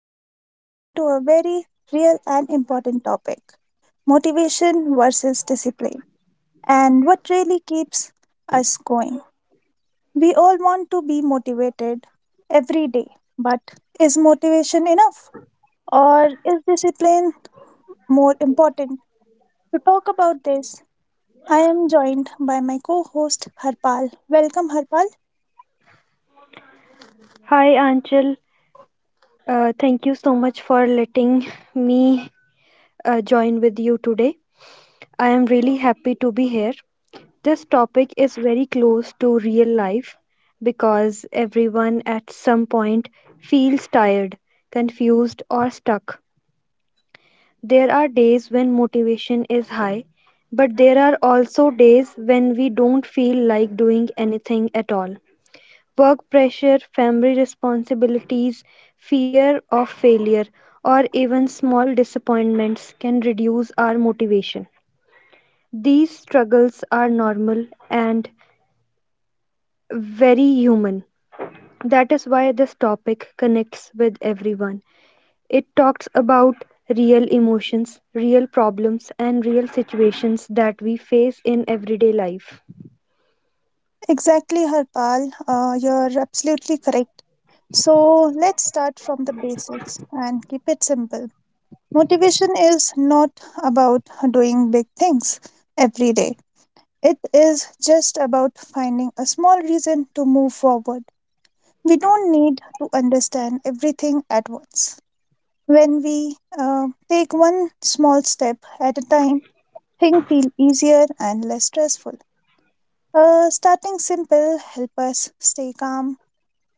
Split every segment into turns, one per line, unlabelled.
we are diving into a very real and important topic: motivation versus discipline, and what really keeps us going. We all want to be motivated every day, but is motivation enough, or is discipline more important? To talk about this, I am joined by my co host Harpal. Welcome, Harpal.
Hi, Anchal. Thank you so much for letting me join with you today. I am really happy to be here. This topic is very close to real life because everyone at some point feels tired, confused, or stuck. There are days when motivation is high, but there are also days when we don't feel like doing anything at all. Work pressure, family responsibilities, fear of failure, or even small disappointments can reduce our motivation. These struggles are normal and very human. That is why this topic connects with everyone. It talks about real emotions, real problems, and real situations that we face in everyday life.
Exactly, Harpal. You're absolutely correct. So let's start from the basics and keep it simple. Motivation is not about doing big things every day, it is just about finding a small reason to move forward. We don't need to understand everything at once. When we take one small step at a time, things feel easier and less stressful. Starting simple help us stay calm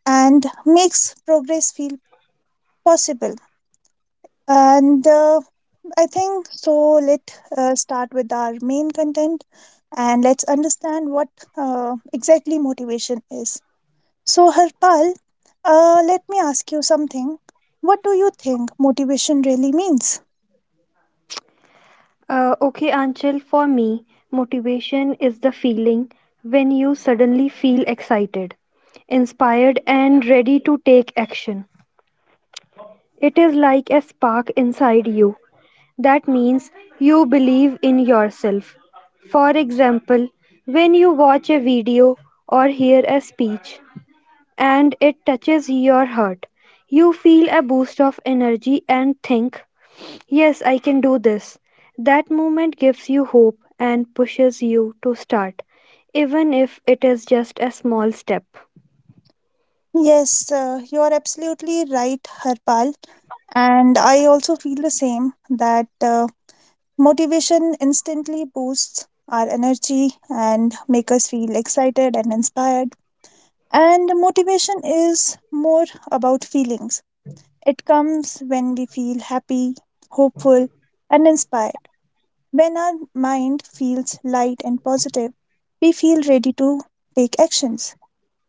and makes progress feel possible. And I think so. Let's start with our main content and let's understand what exactly motivation is. So, Harpal, let me ask you something. What do you think motivation really means?
Okay, Anchal, for me, motivation is the feeling when you suddenly feel excited, inspired, and ready to take action. It is like a spark inside you. That means you believe in yourself. For example, when you watch a video or hear a speech and it touches your heart, you feel a boost of energy and think, "Yes, I can do this." That moment gives you hope and pushes you to start, even if it is just a small step.
Yes, you are absolutely right, Harpal. And I also feel the same that motivation instantly boosts our energy and make us feel excited and inspired. And motivation is more about feelings. It comes when we feel happy, hopeful, and inspired. When our mind feels light and positive, we feel ready to take actions.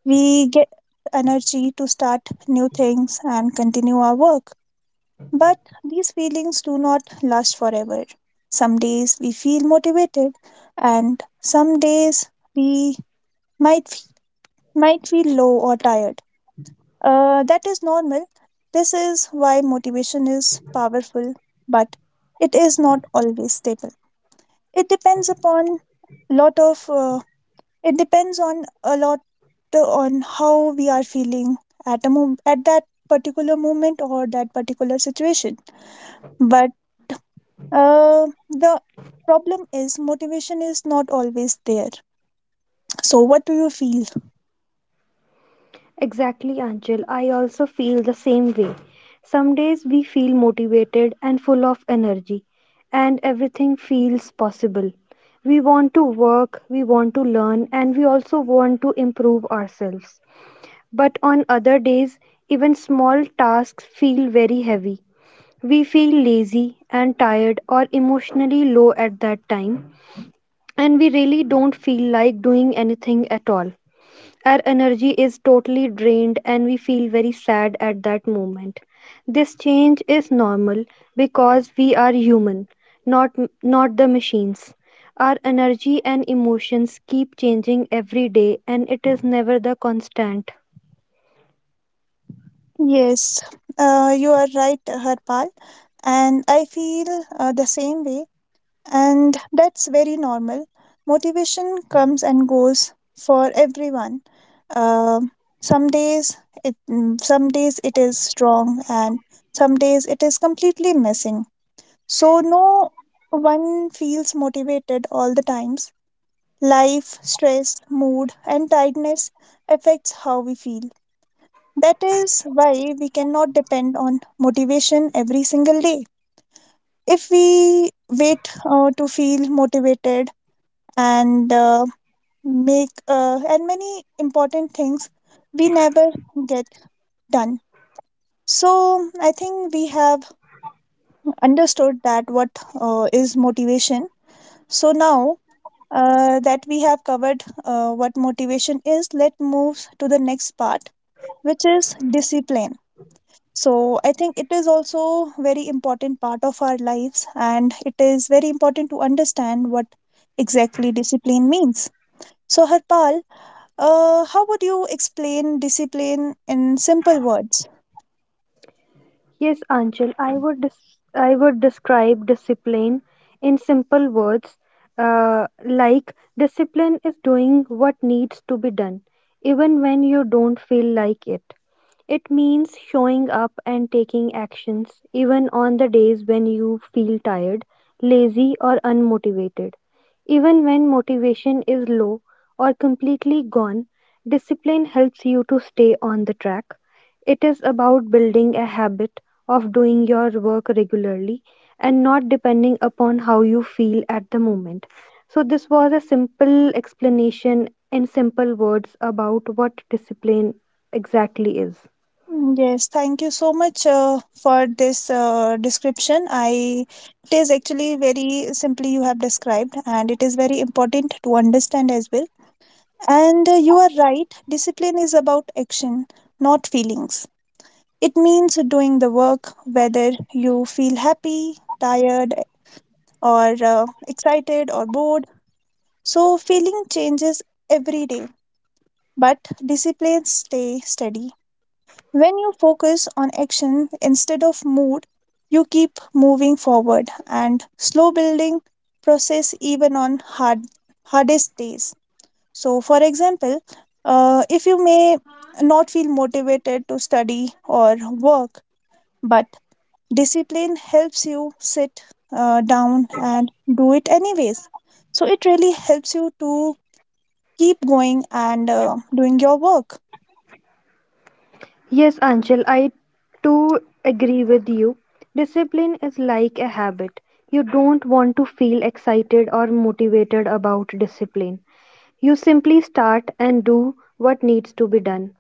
We get energy to start new things and continue our work. But these feelings do not last forever. Some days we feel motivated, and some days we might f- might feel low or tired. That is normal. This is why motivation is powerful, but it is not always stable. It depends upon lot of. It depends on a lot on how we are feeling at that particular moment or that particular situation. But the problem is motivation is not always there. So, what do you feel?
Exactly, Anjal. I also feel the same way. Some days we feel motivated and full of energy, and everything feels possible. We want to work, we want to learn, and we also want to improve ourselves. But on other days, even small tasks feel very heavy. We feel lazy and tired or emotionally low at that time, and we really don't feel like doing anything at all. Our energy is totally drained, and we feel very sad at that moment. This change is normal because we are human, not, not the machines. Our energy and emotions keep changing every day, and it is never the constant.
Yes, you are right, Harpal, and I feel the same way, and that's very normal. Motivation comes and goes for everyone. Uh, some days some days it is strong and some days it is completely missing. So no one feels motivated all the times. Life, stress, mood, and tiredness affects how we feel. That is why we cannot depend on motivation every single day. If we wait to feel motivated and make and many important things we never get done. So I think we have understood that what is motivation. So now that we have covered what motivation is, let moves to the next part which is discipline. So I think it is also very important part of our lives and it is very important to understand what exactly discipline means. So Harpal, how would you explain discipline in simple words?
Yes, Anchal, I would describe discipline in simple words, like discipline is doing what needs to be done, even when you don't feel like it. It means showing up and taking actions, even on the days when you feel tired, lazy, or unmotivated. Even when motivation is low or completely gone, discipline helps you to stay on the track. It is about building a habit of doing your work regularly and not depending upon how you feel at the moment. So, this was a simple explanation in simple words about what discipline exactly is.
Yes, thank you so much for this description. I, it is actually very simply you have described, and it is very important to understand as well. And you are right. Discipline is about action, not feelings. It means doing the work whether you feel happy, tired, or excited or bored. So, feeling changes every day, but disciplines stay steady. When you focus on action instead of mood, you keep moving forward and slow building process even on hardest days. So, for example, if you may not feel motivated to study or work, but discipline helps you sit down and do it anyways. So it really helps you to keep going and doing your work.
Yes, Anshul, I too agree with you. Discipline is like a habit. You don't want to feel excited or motivated about discipline. You simply start and do what needs to be done.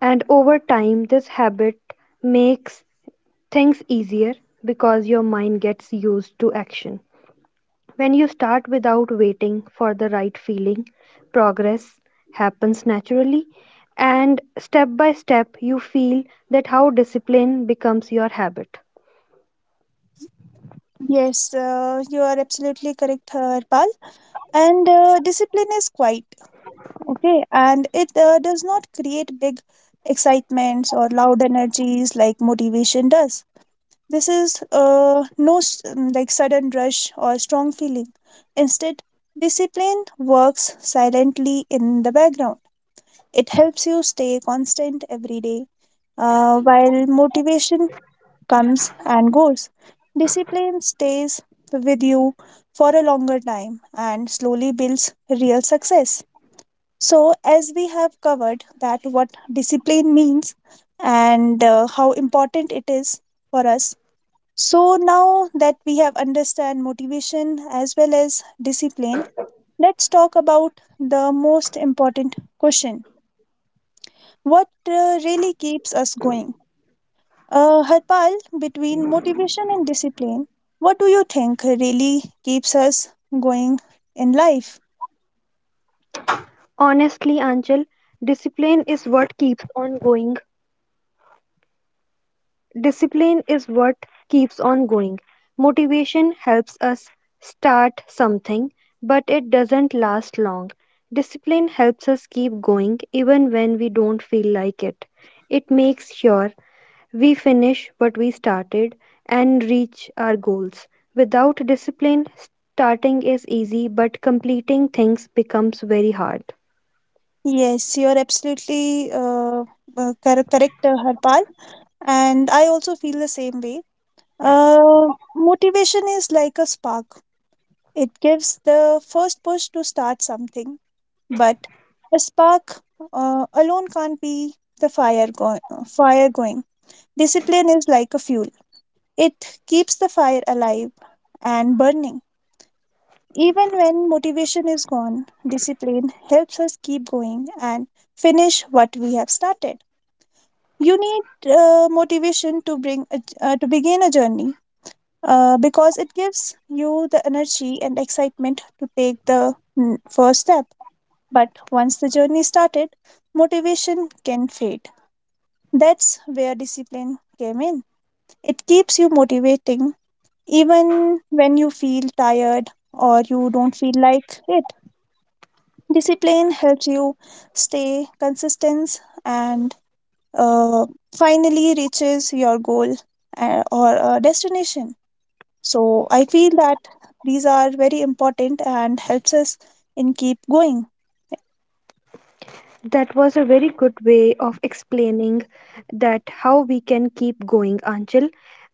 And over time, this habit makes things easier because your mind gets used to action. When you start without waiting for the right feeling, progress happens naturally. And step by step, you feel that how discipline becomes your habit.
Yes, you are absolutely correct, Harpal. And discipline is quite okay, and it does not create big excitements or loud energies like motivation does. This is no s- like sudden rush or strong feeling. Instead, discipline works silently in the background. It helps you stay constant every day, while motivation comes and goes. Discipline stays with you for a longer time and slowly builds real success. So, as we have covered that what discipline means and how important it is for us so now that we have understand motivation as well as discipline, let's talk about the most important question. What really keeps us going? Harpal, between motivation and discipline, what do you think really keeps us going in life?
Honestly, Anchal, discipline is what keeps on going discipline is what keeps on going. Motivation helps us start something, but it doesn't last long. Discipline helps us keep going even when we don't feel like it. It makes sure we finish what we started and reach our goals. Without discipline, starting is easy, but completing things becomes very hard.
Yes, you're absolutely cor- correct, Harpal. And I also feel the same way. Uh, Motivation is like a spark. It gives the first push to start something, but a spark alone can't be the fire going. Discipline is like a fuel, it keeps the fire alive and burning. Even when motivation is gone, discipline helps us keep going and finish what we have started. You need motivation to to begin a journey because it gives you the energy and excitement to take the first step. But once the journey started, motivation can fade. That's where discipline came in. It keeps you motivating even when you feel tired or you don't feel like it. Discipline helps you stay consistent and uh, finally reaches your goal or destination. So I feel that these are very important and helps us in keep going.
That was a very good way of explaining that how we can keep going, Anchal.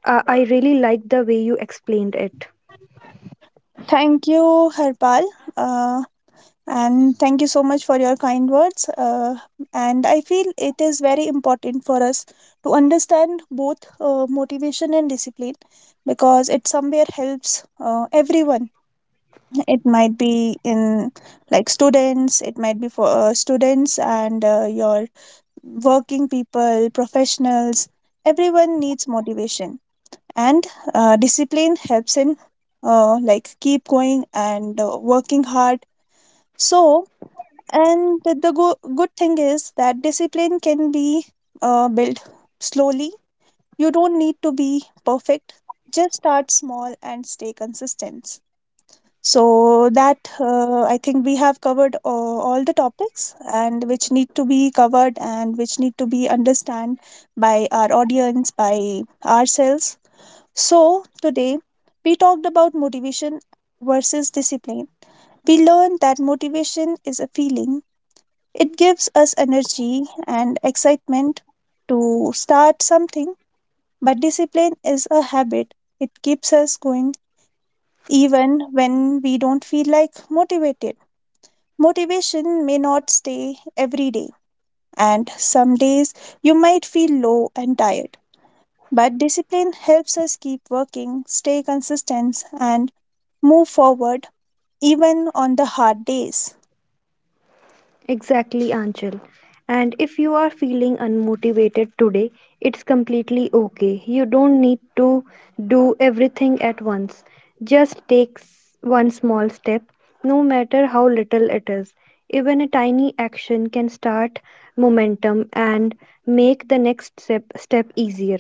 I really like the way you explained it.
Thank you, Harpal. Uh, and thank you so much for your kind words, and I feel it is very important for us to understand both motivation and discipline, because it somewhere helps everyone. It might be in like students, it might be for students and your working people, professionals. Everyone needs motivation, and discipline helps in like keep going and working hard. So and the good thing is that discipline can be built slowly. You don't need to be perfect. Just start small and stay consistent. So that I think we have covered all the topics and which need to be covered and which need to be understand by our audience by ourselves. So today we talked about motivation versus discipline. We learned that motivation is a feeling, it gives us energy and excitement to start something, but discipline is a habit. It keeps us going even when we don't feel like motivated. Motivation may not stay every day, and some days you might feel low and tired. But discipline helps us keep working, stay consistent, and move forward even on the hard days.
Exactly, Anchal. And if you are feeling unmotivated today, it's completely okay. You don't need to do everything at once. Just one small step, no matter how little it is. Even a tiny action can start momentum and make the step easier.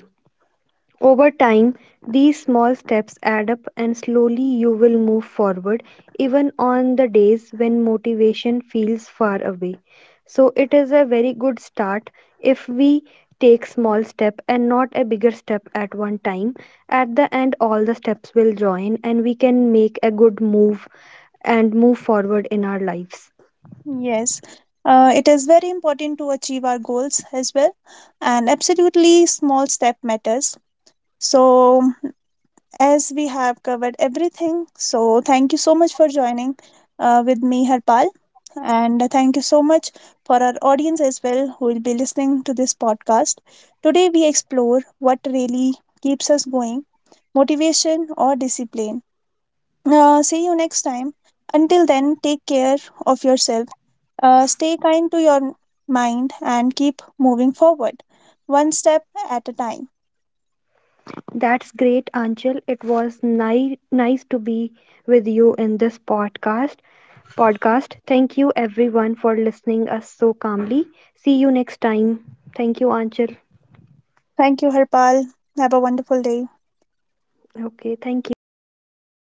Over time, these small steps add up, and slowly you will move forward, even on the days when motivation feels far away. So, it is a very good start if we take small step and not a bigger step at one time, at the end all the steps will join and we can make a good move and move forward in our lives.
Yes, it is very important to achieve our goals as well, and absolutely small step matters. So, as we have covered everything, so thank you so much for joining with me, Harpal, and thank you so much for our audience as well who will be listening to this podcast. Today, we explore what really keeps us going, motivation or discipline. See you next time. Until then, take care of yourself, stay kind to your mind and keep moving forward, one step at a time.
That's great, Anchal. It was nice to be with you in this podcast. Thank you everyone for listening us so calmly. See you next time. Thank you, Anchal.
Thank you, Harpal. Have a wonderful day.
Okay, thank you. Bye.